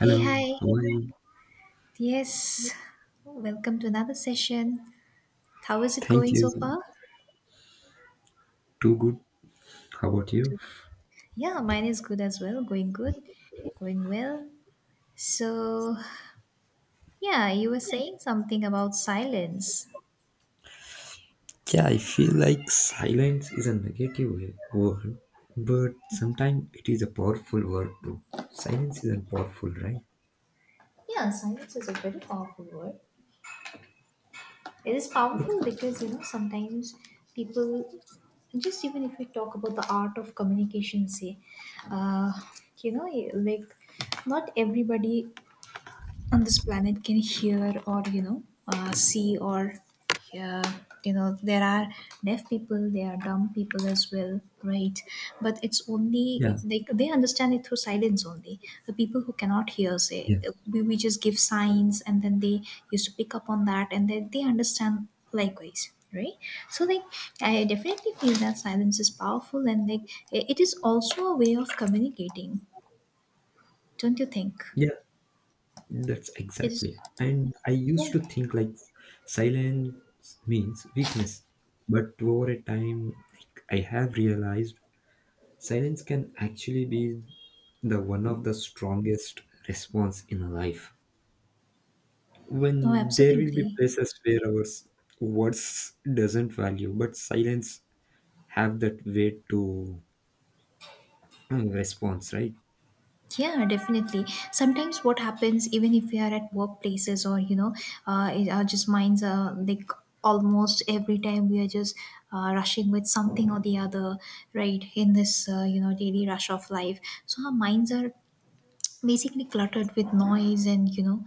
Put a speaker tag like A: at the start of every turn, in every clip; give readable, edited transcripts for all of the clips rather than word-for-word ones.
A: Hey, hi.
B: how are you?
A: Yes, welcome to another session. How is it
B: Thank
A: going
B: you.
A: so far?
B: Too good. How about you?
A: Too good. Yeah, mine is good as well. Going good, going well. So, yeah, you were saying something about silence.
B: Yeah, I feel like silence is a negative word, but sometimes it is a powerful word too. Silence is a powerful, right?
A: Yeah, silence is a very powerful word. It is powerful because, you know, sometimes people just even if we talk about the art of communication say uh, you know like not everybody on this planet can hear or see or uh, you know there are deaf people there are dumb people as well, right, but it's
B: Yeah,
A: only like they understand it through silence only. The people who cannot hear say
B: yeah,
A: we just give signs and then they used to pick up on that and then they understand likewise, right? So like I definitely feel that silence is powerful, and like it is also a way of communicating, don't you think?
B: yeah, that's
A: It is.
B: exactly. And I used
A: Yeah.
B: to think like silence means weakness, but over a time, like, I have realized silence can actually be the one of the strongest response in life.
A: Oh,
B: When there will be
A: absolutely.
B: places where our words doesn't value, but silence have that weight to response, right?
A: Yeah, definitely. Sometimes what happens, even if we are at workplaces or, you know, our just minds are like almost every time we are just rushing with something or the other, right, in this, you know, daily rush of life. So our minds are basically cluttered with noise and, you know,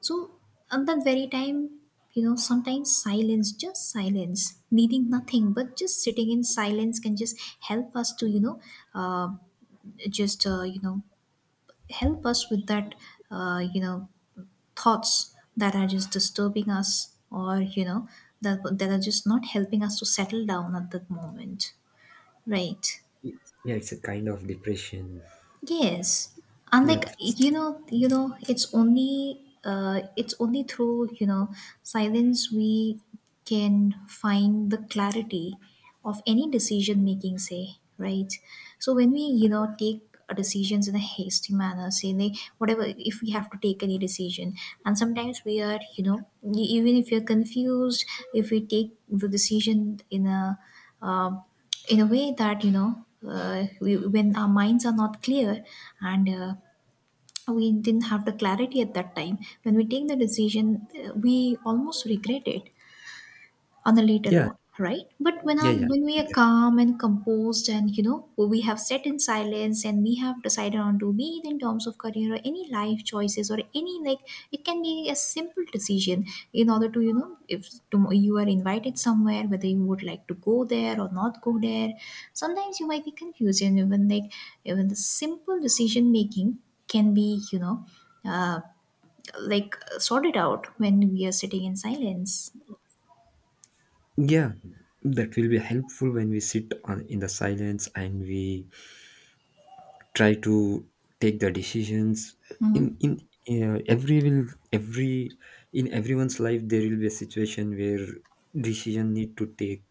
A: so at that very time, you know, sometimes silence, just silence, needing nothing, but just sitting in silence can just help us to, you know, uh, just you know help us with that you know thoughts that are just disturbing us, or you know, that are just not helping us to settle down at that moment, right?
B: Yeah, it's a kind of depression.
A: Yes,
B: Yeah,
A: unlike
B: that's.
A: it's only it's only through, you know, silence we can find the clarity of any decision making. Say, right. So when we, you know, take decisions in a hasty manner, say like, whatever, if we have to take any decision, and sometimes we are, you know, even if you're confused, if we take the decision um in a way that you know we, when our minds are not clear, and we didn't have the clarity at that time when we take the decision, we almost regret it on a later
B: Yeah,
A: note, right? But when
B: yeah,
A: our,
B: yeah,
A: when we are calm and composed and you know we have sat in silence and we have decided on, to be it in terms of career or any life choices or any, like, it can be a simple decision in order to, you know, if you are invited somewhere whether you would like to go there or not go there, sometimes you might be confused, and even like even the simple decision making can be you know uh, like sorted out when we are sitting in silence.
B: yeah, that will be helpful when we sit on in the silence and we try to take the decisions in
A: Hmm.
B: in uh, every will every in everyone's life. There will be a situation where decision need to take,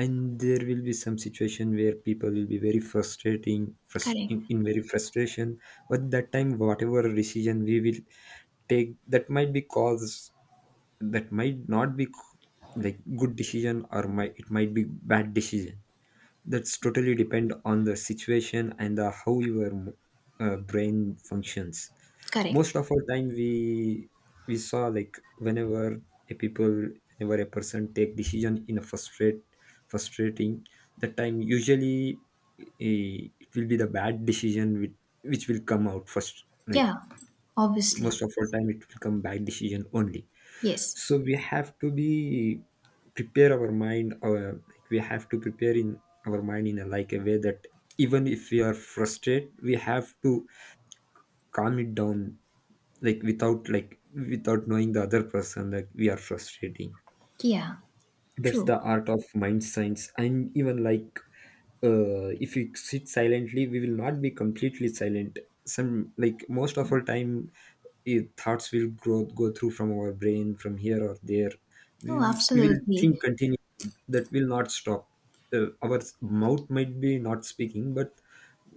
B: and there will be some situation where people will be very frustrating,
A: Correct.
B: in very frustration. But that time, whatever decision we will take, that might not be like good decision, or might it might be bad decision. That's totally depend on the situation and, the, how your brain functions.
A: Correct.
B: Most of our time, we saw, like, whenever a people, whenever a person take decision in a frustrating, that time usually it will be the bad decision, which will come out first. Like
A: Yeah,
B: most
A: obviously.
B: of our time, it will come bad decision only.
A: Yes.
B: So we have to be prepare our mind, like, we have to prepare in our mind in a, like, a way that even if we are frustrated, we have to calm it down, like without, like without knowing the other person, that we are frustrating.
A: Yeah,
B: That's
A: true.
B: the art of mind science. And even, like, if we sit silently, we will not be completely silent. Some Like most of our time, thoughts will grow go through from our brain from here or there.
A: No,
B: We will think
A: absolutely.
B: continue. That will not stop. Our mouth might be not speaking, but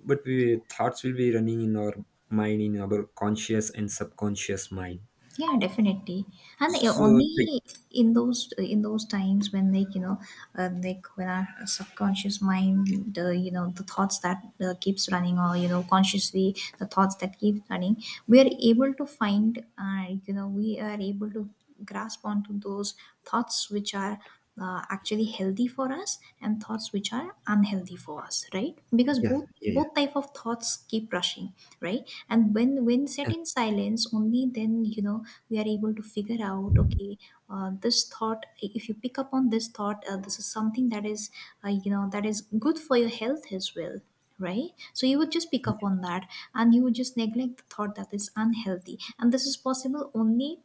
B: but we thoughts will be running in our mind, in our conscious and subconscious mind.
A: Yeah, definitely. And
B: So, like,
A: only in those, in those times when like you know like when our subconscious mind, the you know the thoughts that keeps running, or you know consciously the thoughts that keep running, we are able to find you know we are able to grasp onto those thoughts which are actually healthy for us, and thoughts which are unhealthy for us, right? Because
B: yeah,
A: both
B: yeah, yeah.
A: both type of thoughts keep rushing, right? And when set
B: Yeah,
A: in silence, only then you know we are able to figure out, okay, this thought, if you pick up on this thought, this is something that is you know that is good for your health as well, right? So you would just pick up on that, and you would just neglect the thought that is unhealthy, and this is possible only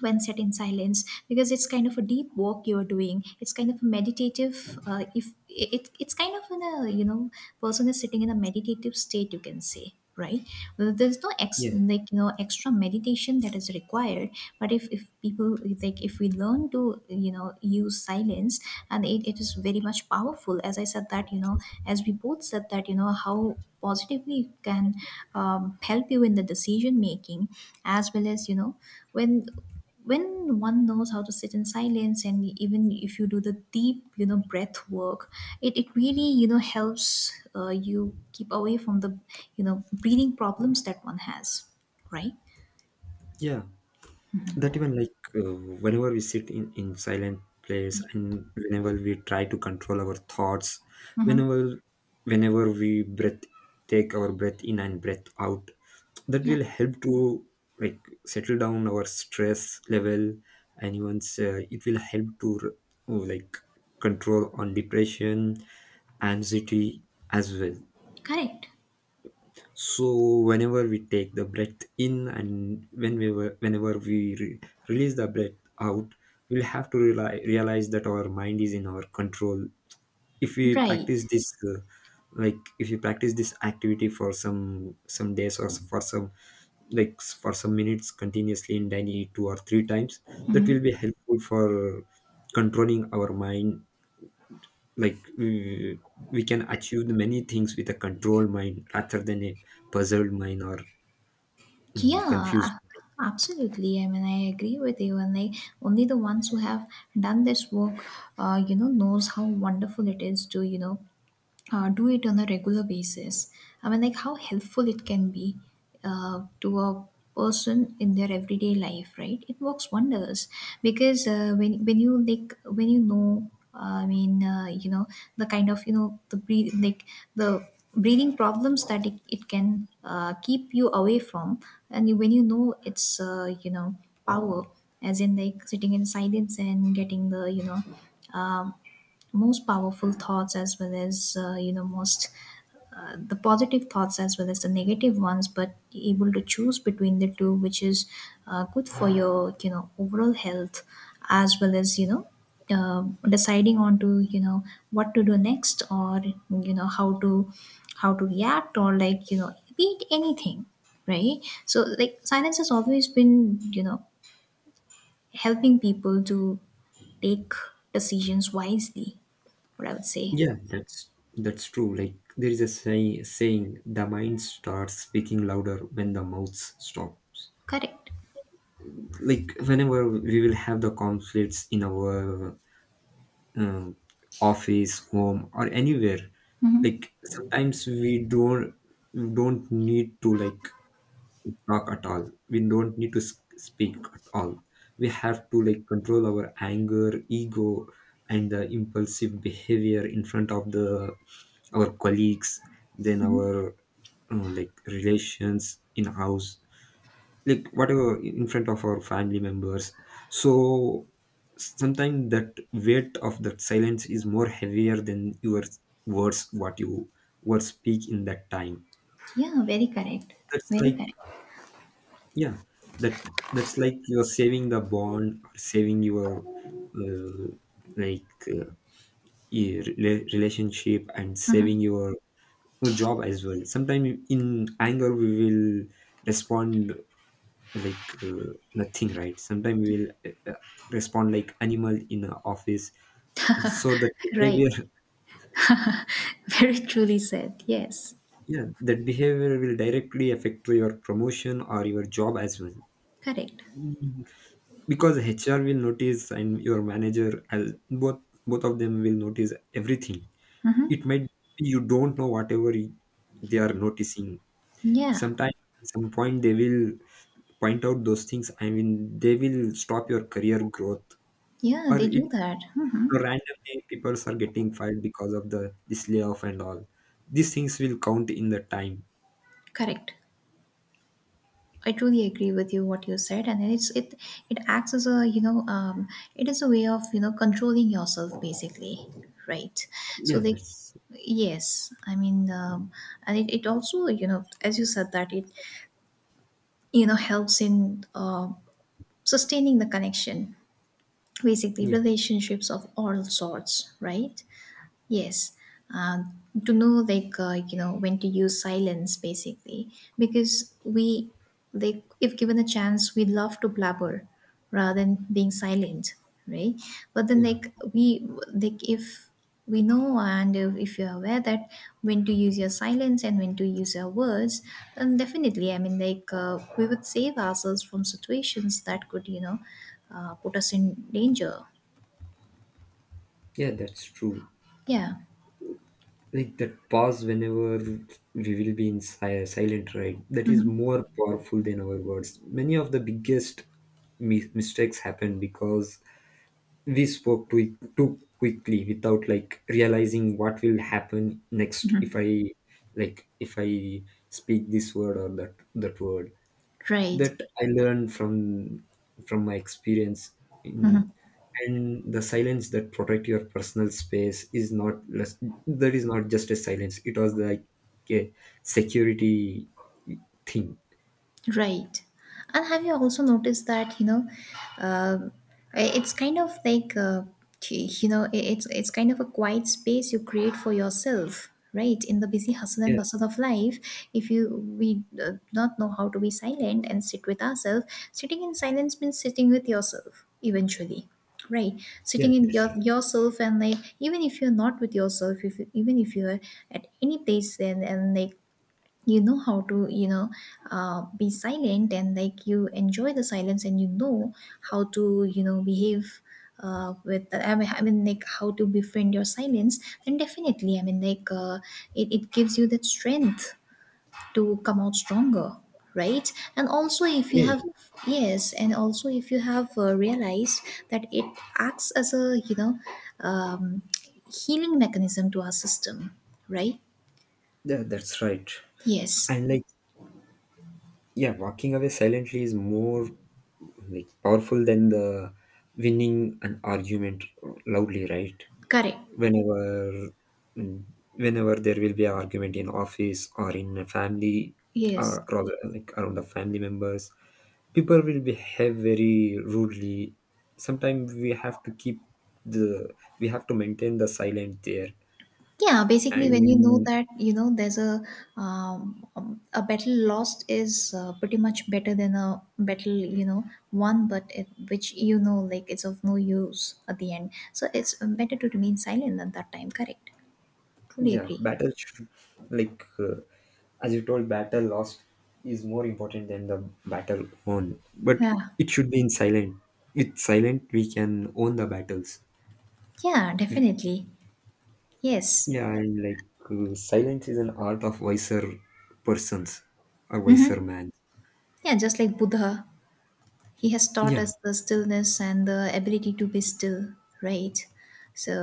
A: when set in silence. Because it's kind of a deep walk you're doing, it's kind of a meditative, if it, it's kind of in a you know person is sitting in a meditative state, you can say, right? Well, there's no ex,
B: yeah,
A: like you know, extra meditation that is required, but if people, like if we learn to, you know, use silence, and it is very much powerful, as I said, that you know, as we both said, that you know how positively it can help you in the decision making, as well as you know when when one knows how to sit in silence, and even if you do the deep you know breath work, it really you know helps you keep away from the you know breathing problems that one has, right?
B: yeah. That even, like, whenever we sit in silent place, and whenever we try to control our thoughts,
A: Mm-hmm.
B: whenever whenever we breath take our breath in and breath out, that
A: Yeah.
B: will help to, like, settle down our stress level. And even, it will help to, like, control on depression, anxiety, as well.
A: Correct.
B: So, whenever we take the breath in, and whenever we release the breath out, we'll have to realize that our mind is in our control. If we
A: Right.
B: practice this, like, if you practice this activity for some days, or for some minutes continuously, in daily two or three times, that will be helpful for controlling our mind. Like, we can achieve many things with a controlled mind, rather than a puzzled mind, or
A: Yeah.
B: confused.
A: Absolutely, I mean I agree with you, and I, only the ones who have done this work you know knows how wonderful it is to you know do it on a regular basis. I mean, like how helpful it can be to a person in their everyday life, right? It works wonders, because when you like, when you know I mean you know the kind of you know the breathe like the breathing problems that it can keep you away from. And you- when you know it's you know power, as in like sitting in silence and getting the you know um, most powerful thoughts, as well as you know most the positive thoughts as well as the negative ones, but able to choose between the two which is good for your you know overall health, as well as you know uh, deciding on to you know what to do next, or you know how to, how to react, or like you know be it anything, right? So like silence has always been you know helping people to take decisions wisely, what I would say.
B: Yeah, that's true. Like, there is a saying, the mind starts speaking louder when the mouth stops.
A: Correct.
B: Like, whenever we will have the conflicts in our, um, office, home, or anywhere, like, sometimes we don't need to, like, talk at all. We don't need to speak at all. We have to, like, control our anger, ego, and the impulsive behavior in front of the our colleagues, then our, like, relations in house, like whatever, in front of our family members. So sometimes that weight of that silence is more heavier than your words, what you were speak in that time.
A: Yeah, very correct.
B: That's
A: Very
B: like.
A: correct.
B: Yeah, that that's like you're saving the bond, or saving your, uh, like uh, your relationship, and saving your job as well. Sometimes in anger we will respond like, nothing, right? Sometimes we will, respond like animal in a office. So that
A: Right.
B: behavior.
A: Very truly said. Yes.
B: Yeah, that behavior will directly affect to your promotion or your job as well.
A: Correct.
B: Because HR will notice, and your manager as, both both of them will notice everything. It might be you don't know whatever they are noticing.
A: Yeah.
B: sometimes some point they will point out those things. I mean, they will stop your career growth,
A: Yeah,
B: or
A: they
B: it
A: do that. Hmm.
B: randomly, people are getting fired because of the this layoff, and all these things will count in the time.
A: Correct. I truly agree with you what you said, and it it acts as a you know it is a way of you know controlling yourself basically, right? So
B: Yeah,
A: they,
B: that's.
A: yes, I mean, and it also, you know, as you said that it, you know, helps in sustaining the connection, basically
B: Yeah,
A: relationships of all sorts, right? Yes. uh, to know like you know when to use silence basically, because we, like if given a chance we love to blabber rather than being silent, right? But then
B: yeah,
A: like we, like if we know and if you're aware that when to use your silence and when to use your words, then definitely I mean like we would save ourselves from situations that could you know put us in danger.
B: yeah, that's true.
A: Yeah.
B: Like, that pause, whenever we will be in silent, right, that is
A: Mhm.
B: more powerful than our words. Many of the biggest mistakes happen because we spoke too quickly, without, like, realizing what will happen next if I, like if I speak this word, or that word.
A: Right.
B: That I learned from my experience in.
A: Mm-hmm.
B: And the silence that protect your personal space is not less. That is not just a silence, it was like a security thing.
A: Right. And have you also noticed that, you know, um, it's kind of like, you know, it's kind of a quiet space you create for yourself, right? In the busy hustle
B: Yeah.
A: and bustle of life, if you, we not know how to be silent and sit with ourselves, sitting in silence means sitting with yourself eventually. Right,
B: Yeah,
A: sitting in
B: that's
A: your
B: right.
A: yourself, and like even if you're not with yourself, if you, even if you're at any place, and like you know how to you know be silent, and like you enjoy the silence, and you know how to you know behave with I mean like how to befriend your silence, then definitely I mean like it gives you that strength to come out stronger, right? And also if
B: Yeah,
A: you have,
B: yeah.
A: yes, and also if you have realized that it acts as a you know um, healing mechanism to our system, right?
B: Yeah, that's right.
A: Yes.
B: And, like, yeah, walking away silently is more, like, powerful than the winning an argument loudly, right?
A: Correct.
B: Whenever mm, whenever there will be an argument in office, or in a family,
A: Yes.
B: or rather, like, around the family members, people will behave very rudely. Sometimes we have to keep the we have to maintain the silent there.
A: Yeah, basically, when you know
B: And,
A: that you know there's a battle lost is pretty much better than a battle you know won, but it, which you know like it's of no use at the end. So it's better to remain silent at that time. Correct. Truly
B: yeah,
A: agree.
B: battle should, like as you told, battle lost is more important than the battle won. But
A: Yeah.
B: it should be in silent. With silent we can own the battles.
A: Yeah. Definitely. Yes.
B: Yeah, and, like, silence is an art of wiser persons, or wiser
A: Mm-hmm.
B: man.
A: Yeah. Just like Buddha, he has taught
B: Yeah,
A: us the stillness and the ability to be still, right?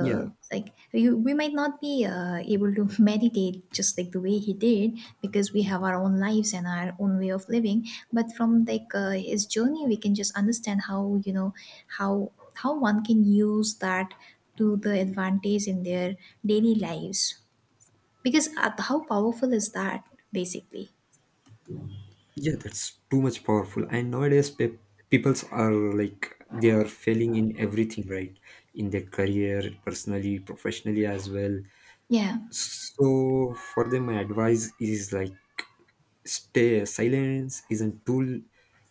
B: yeah,
A: like, you, we might not be able to meditate just like the way he did, because we have our own lives and our own way of living. But from like his journey, we can just understand how you know how one can use that to the advantage in their daily lives. Because how powerful is that, basically?
B: yeah. That's too much powerful. And nowadays, peoples are, like, they are failing in everything, right? In their career, personally, professionally, as well.
A: Yeah.
B: So for them, my advice is, like, stay. Silence is a tool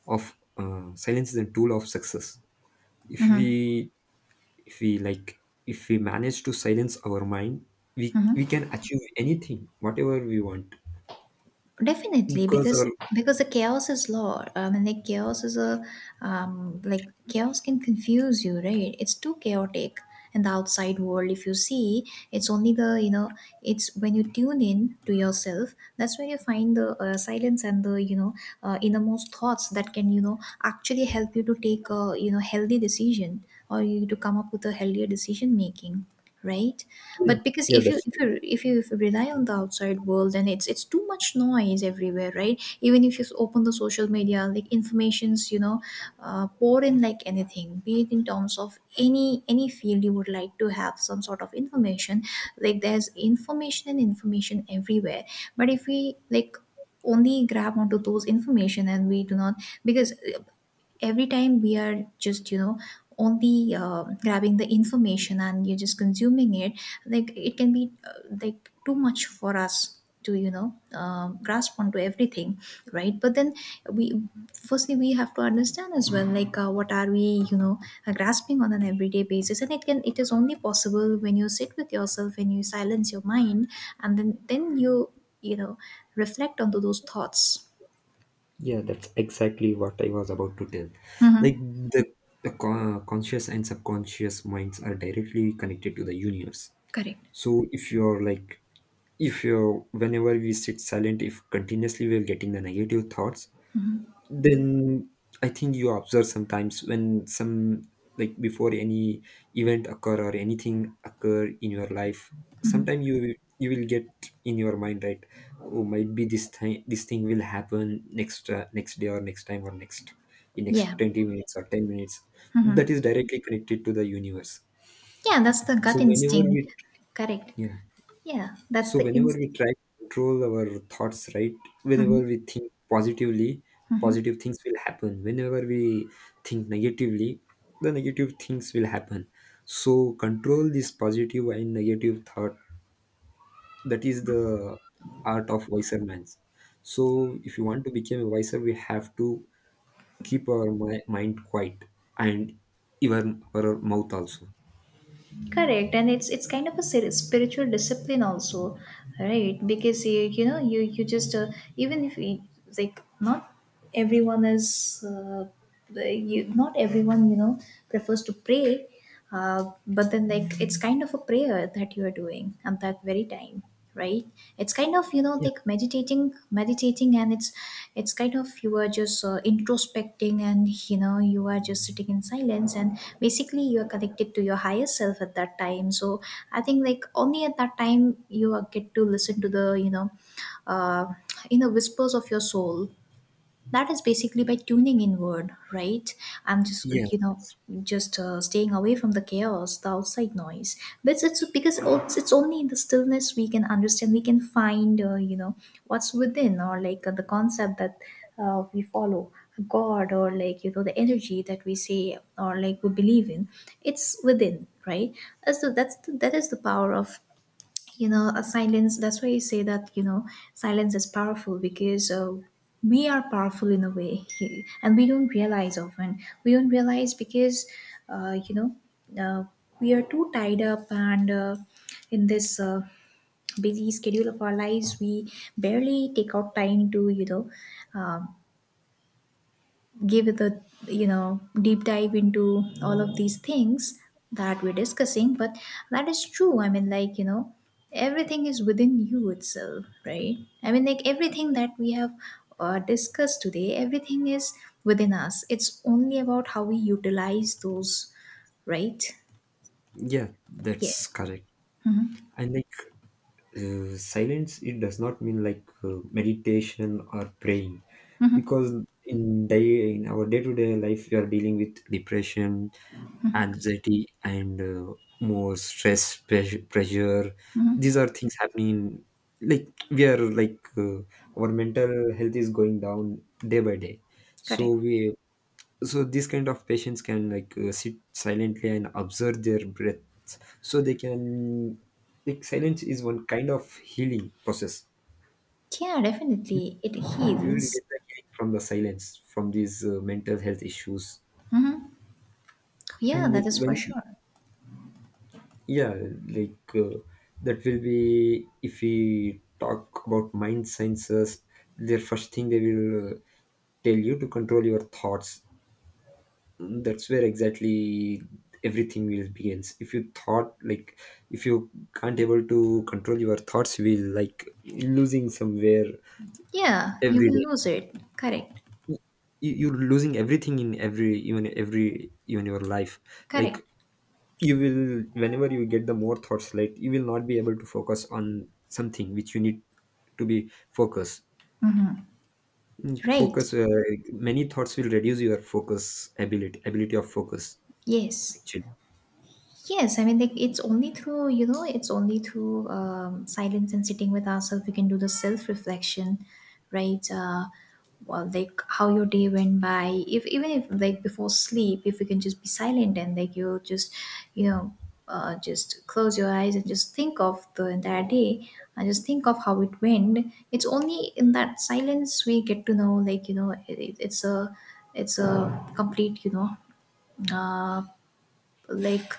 B: of uh, Silence is a tool of success. If
A: Mm-hmm.
B: we if we like if we manage to silence our mind, we we
A: Mm-hmm.
B: can achieve anything, whatever we want.
A: Definitely,
B: Because our.
A: because the chaos is law. I mean, like chaos is a like chaos can confuse you, right? It's too chaotic in the outside world. If you see, it's only the you know, it's when you tune in to yourself. That's where you find the silence and the innermost thoughts that can actually help you to take a healthy decision, or you to come up with a healthier decision making, right?
B: Yeah,
A: But because
B: yeah,
A: if you rely on the outside world, then it's too much noise everywhere, right? Even if you open the social media, like informations, pour in like anything, be it in terms of any field you would like to have some sort of information. Like there's information and information everywhere. But if we, like, only grab onto those information and we do not, because every time we are just only grabbing the information and you're just consuming it. Like it can be like too much for us to grasp onto everything, right? But then we firstly we have to understand as well, like what are we, grasping on an everyday basis? And it can, it is only possible when you sit with yourself and you silence your mind, and then you you know reflect onto those thoughts.
B: that's exactly what I was about to tell. Like,
A: Hmm.
B: the the conscious and subconscious minds are directly connected to the universe.
A: Correct.
B: So, if you're like if you're whenever we sit silent, if continuously we're getting the negative thoughts, then I think you observe sometimes, when some like before any event occur, or anything occur in your life,
A: Hmm.
B: sometimes you will get in your mind, right? Oh, might be this thing will happen next, next day, or next time, or next in next
A: Yeah.
B: 20 minutes, or 10 minutes.
A: Mm-hmm.
B: That is directly connected to the universe.
A: Yeah, that's the
B: So
A: gut
B: whenever we
A: instinct. Correct.
B: Yeah,
A: Yeah, that's
B: so
A: the
B: whenever we
A: instinct.
B: try to control our thoughts, right? Whenever
A: Mhm.
B: we think positively,
A: Mhm.
B: positive things will happen. Whenever we think negatively, the negative things will happen. So control this positive and negative thought. That is the art of wiser minds. So if you want to become a wiser, we have to keep our mind quiet, and even our mouth also.
A: Correct, and it's kind of a spiritual discipline also, right? Because you know you you just, even if you, like, not everyone is you, not everyone prefers to pray, but then, like, it's kind of a prayer that you are doing at that very time, right? It's kind of, like, meditating, and it's kind of you are just introspecting, and you are just sitting in silence, and basically you are connected to your higher self at that time. So I think, like, only at that time you are- get to listen to the, uh, whispers of your soul. That is basically by tuning inward, right? I'm just
B: Yeah,
A: you know just staying away from the chaos, the outside noise. But it's because it's only in the stillness we can understand, we can find, what's within, or like, the concept that we follow, god, or like, the energy that we say, or like, we believe in. It's within, right? As so that's the, that is the power of, a silence. That's why you say that, silence is powerful, because we are powerful in a way and we don't realize often. We don't realize because uh, you know uh, we are too tied up, and in this busy schedule of our lives, we barely take out time to, um give it a, deep dive into all of these things that we're discussing. But that is true. I mean, like, everything is within you itself, right? I mean, like, everything that we have discussed today, everything is within us. It's only about how we utilize those, right?
B: yeah, that's
A: Yes.
B: correct.
A: Mm-hmm.
B: And, silence, it does not mean like, meditation or praying. Because in day in our day-to-day life, we are dealing with depression, anxiety, and, more stress, pressure, these are things happening. Like, we are like, our mental health is going down day by day. so
A: Correct.
B: we so these kind of patients can, like, sit silently and observe their breaths, so they can, silence is one kind of healing process.
A: Yeah, definitely, it
B: We will
A: heals.
B: get the healing from the silence, from these, mental health issues.
A: Yeah,
B: And,
A: that
B: like,
A: is
B: when
A: for sure.
B: yeah, like uh, that will be, if we talk about mind sciences, their first thing, they will, tell you to control your thoughts. That's where exactly everything will begins. If you can't able to control your thoughts, you will, like, losing somewhere,
A: Yeah, you
B: every
A: will
B: day.
A: lose it. Correct.
B: You're losing everything in every, even your life. Like,
A: Correct.
B: you will whenever you get the more thoughts, like, you will not be able to focus on something which you need to be focused. Mm,
A: Right.
B: focus Many thoughts will reduce your focus, ability of focus
A: Yes.
B: actually.
A: Yes, I mean, like, it's only through, it's only through silence and sitting with ourselves we can do the self-reflection, right? Well, like, how your day went by. If even if, like, before sleep, if you can just be silent and, like, you just, you know, just close your eyes and just think of the entire day, and just think of how it went. It's only in that silence we get to know, like, it's a complete, uh, like,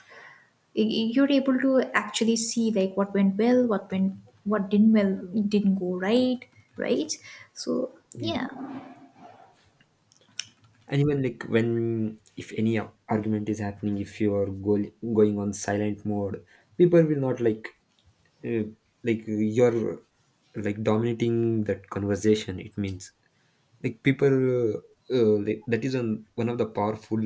A: you're able to actually see, like, what went well, what went, what didn't well, didn't go right, right, so, yeah.
B: And even, like, when, if any argument is happening, if you are going on silent mode, people will not, like, uh, like, you're like dominating that conversation. It means like people, like, that is on one of the powerful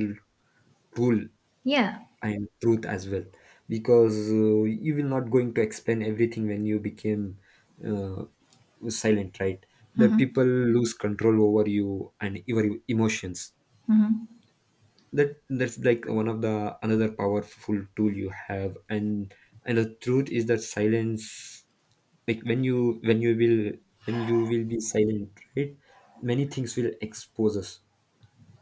B: rule
A: Yeah.
B: and truth as well. Because, you will not going to explain everything when you became, uh, silent, right? That
A: Hmm.
B: people lose control over you and your emotions.
A: Hmm.
B: That's like one of the another powerful tool you have. And the truth is that silence, like, when you will be silent, right, many things will expose us,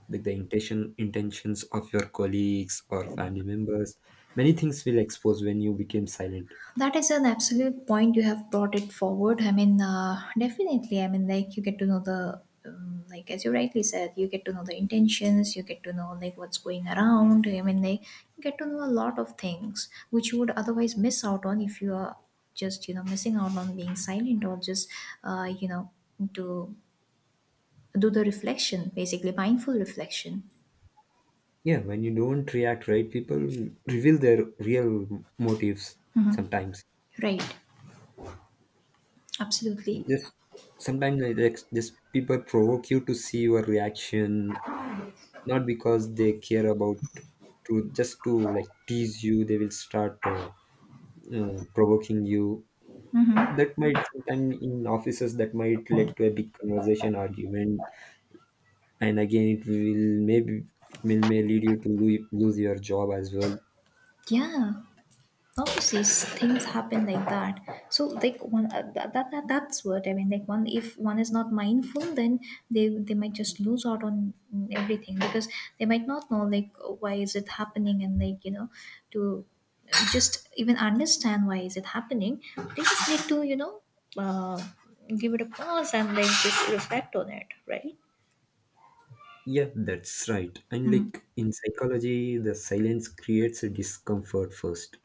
B: like the intentions of your colleagues or family members. Many things will expose when you became silent.
A: That is an absolute point. You have brought it forward. I mean, definitely. I mean, like, you get to know the, like, as you rightly said, you get to know the intentions. You get to know, like, what's going around. I mean, like, you get to know a lot of things which you would otherwise miss out on, if you are just, missing out on being silent, or just, uh, you know to do the reflection, basically mindful reflection.
B: Yeah, when you don't react, right, people reveal their real motives.
A: Hmm.
B: sometimes
A: Right. Absolutely.
B: just sometimes just people provoke you to see your reaction, not because they care about, to just to, like, tease you. They will start, provoking you.
A: Hmm.
B: That might Sometime in offices, that might lead to a big conversation, argument. And again, it may lead you to lose your job as well.
A: Yeah. Obviously, things happen like that. So, like, one that's what I mean, like, one, if one is not mindful, then they might just lose out on, mm, everything, because they might not know, like, why is it happening? And, like, to just even understand why is it happening, they just need to, uh, give it a pause and, like, just reflect on it, right?
B: Yeah, that's right. And, like, in psychology, the silence creates a discomfort first.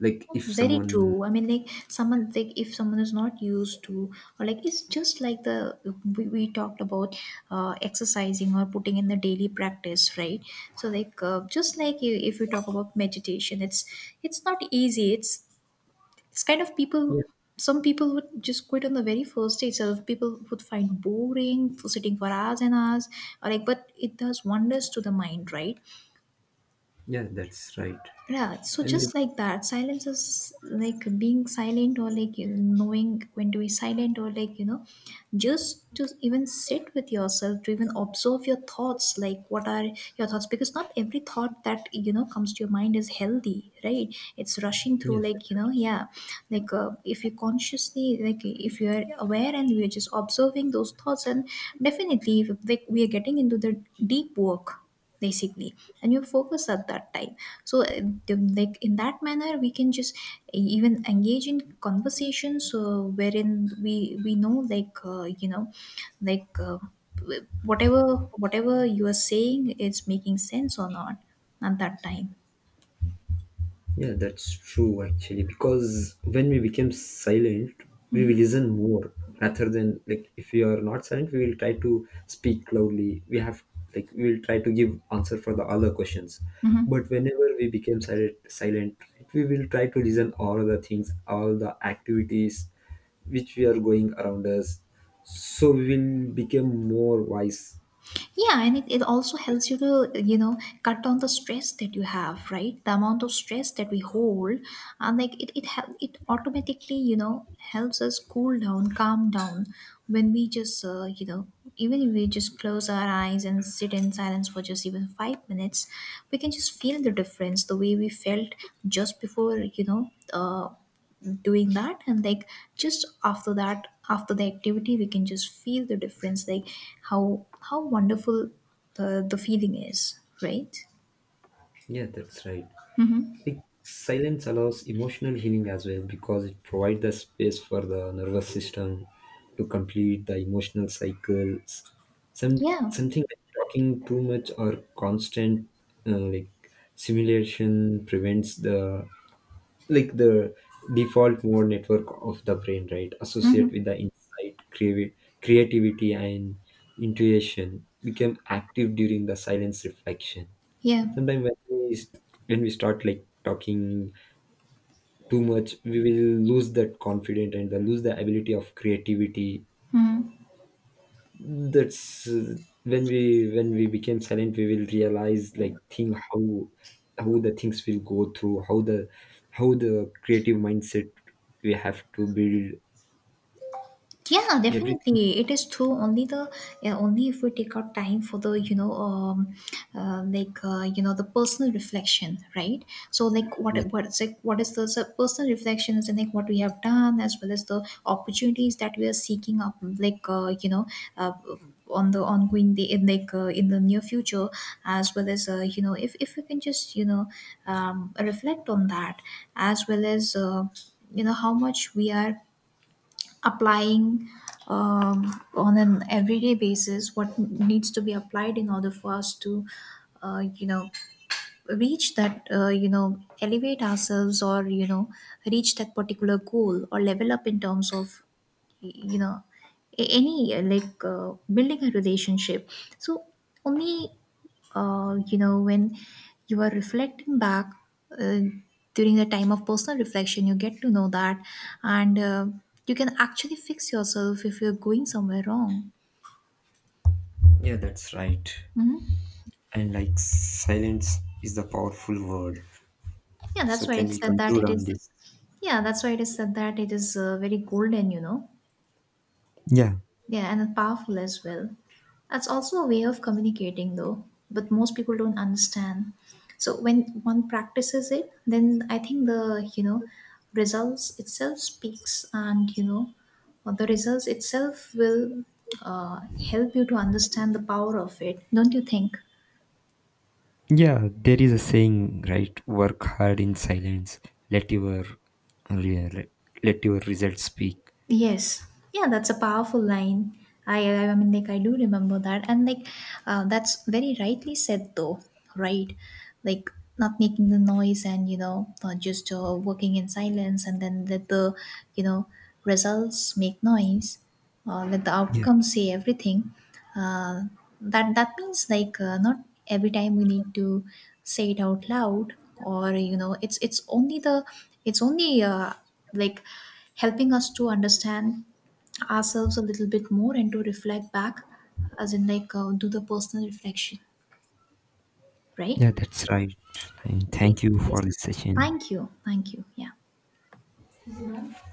B: Like, if
A: Very
B: someone.
A: true. I mean, like, someone, like, if someone is not used to, or like, it's just like the, we talked about exercising or putting in the daily practice, right? So, like, just like, if you talk about meditation, it's not easy, it's kind of people,
B: Yeah,
A: some people would just quit on the very first day itself. People would find boring for sitting for hours and hours, or like, but it does wonders to the mind, right?
B: yeah, that's right.
A: Yeah, so
B: And,
A: just
B: like,
A: like that, silence is like being silent, or like, knowing when to be silent, or like, just to even sit with yourself, to even observe your thoughts. Like, what are your thoughts? Because not every thought that, comes to your mind is healthy, right? It's rushing
B: yeah.
A: through, like, yeah, like, if you consciously, like, if you are aware and we are just observing those thoughts, and definitely, if, like, we are getting into the deep work, basically, and you focus at that time. So like, in that manner, we can just even engage in conversations wherein we know, like, like, whatever whatever you are saying is making sense or not at that time.
B: Yeah, that's true actually, because when we became silent, we
A: Hmm.
B: will listen more, rather than, like, if we are not silent, we will try to speak loudly. We have like We will try to give answer for the other questions. But
A: Hmm.
B: whenever we became silent, right, we will try to listen all the things, all the activities which we are going around us. So we will become more wise.
A: Yeah, and it also helps you to, cut down the stress that you have, right? The amount of stress that we hold, and like, it, it automatically, helps us cool down, calm down, when we just, even if we just close our eyes and sit in silence for just even 5 minutes, we can just feel the difference, the way we felt just before, doing that. And like, just after that, after the activity, we can just feel the difference, like, how wonderful the feeling is, right?
B: Yeah, that's right. Think silence allows emotional healing as well, because it provides the space for the nervous system to complete the emotional cycles. Some
A: Yeah.
B: something like talking too much, or constant, like, simulation, prevents the, like the default mode network of the brain, right? Associate
A: Mm-hmm.
B: with the insight, creativity, and intuition, become active during the silence reflection.
A: Yeah.
B: Sometimes when we we start, like, talking too much, we will lose that confidence, and then lose the ability of creativity.
A: Mhm.
B: That's, when we became silent, we will realize, like, think how the things will go through, how the creative mindset we have to build.
A: Yeah,
B: Everything.
A: definitely. It is true. Only the, yeah, only if we take out time for the, like, the personal reflection, right? So, like,
B: Yeah,
A: what is, like, what is the, so personal reflection is like what we have done, as well as the opportunities that we are seeking up, like, uh, on the ongoing day, in like, in the near future, as well as if we can just, reflect on that, as well as. How much we are applying on an everyday basis, what needs to be applied in order for us to, uh, you know reach that, elevate ourselves, or reach that particular goal, or level up in terms of, you know any like, building a relationship. So only, when you are reflecting back, uh, during the time of personal reflection, you get to know that, and you can actually fix yourself if you're going somewhere wrong.
B: yeah, that's right.
A: Hmm.
B: And, like, silence is the powerful word.
A: Yeah,
B: So
A: that's why
B: can
A: it
B: we
A: said that
B: conclude
A: it
B: on
A: is,
B: this?
A: yeah, that's why it is said that it is very golden,
B: Yeah.
A: Yeah, and powerful as well. That's also a way of communicating, though, but most people don't understand. So when one practices it, then I think the, results itself speaks, and the results itself will uh, help you to understand the power of it. Don't you think?
B: Yeah, there is a saying, right? Work hard in silence. Let your let your results speak.
A: Yes. Yeah, that's a powerful line. I mean, like, I do remember that, and like, that's very rightly said, though, right? Like, not making the noise, and just working in silence, and then let the, you know results make noise, let the
B: Yeah.
A: outcome say everything. Uh, that means like, not every time we need to say it out loud, or it's only the, it's only like, helping us to understand ourselves a little bit more, and to reflect back, as in, like, do the personal reflection,
B: Yeah,
A: right?
B: that's right. And
A: Yes,
B: thank you for
A: yes.
B: this session.
A: Thank you. Thank you. Yeah.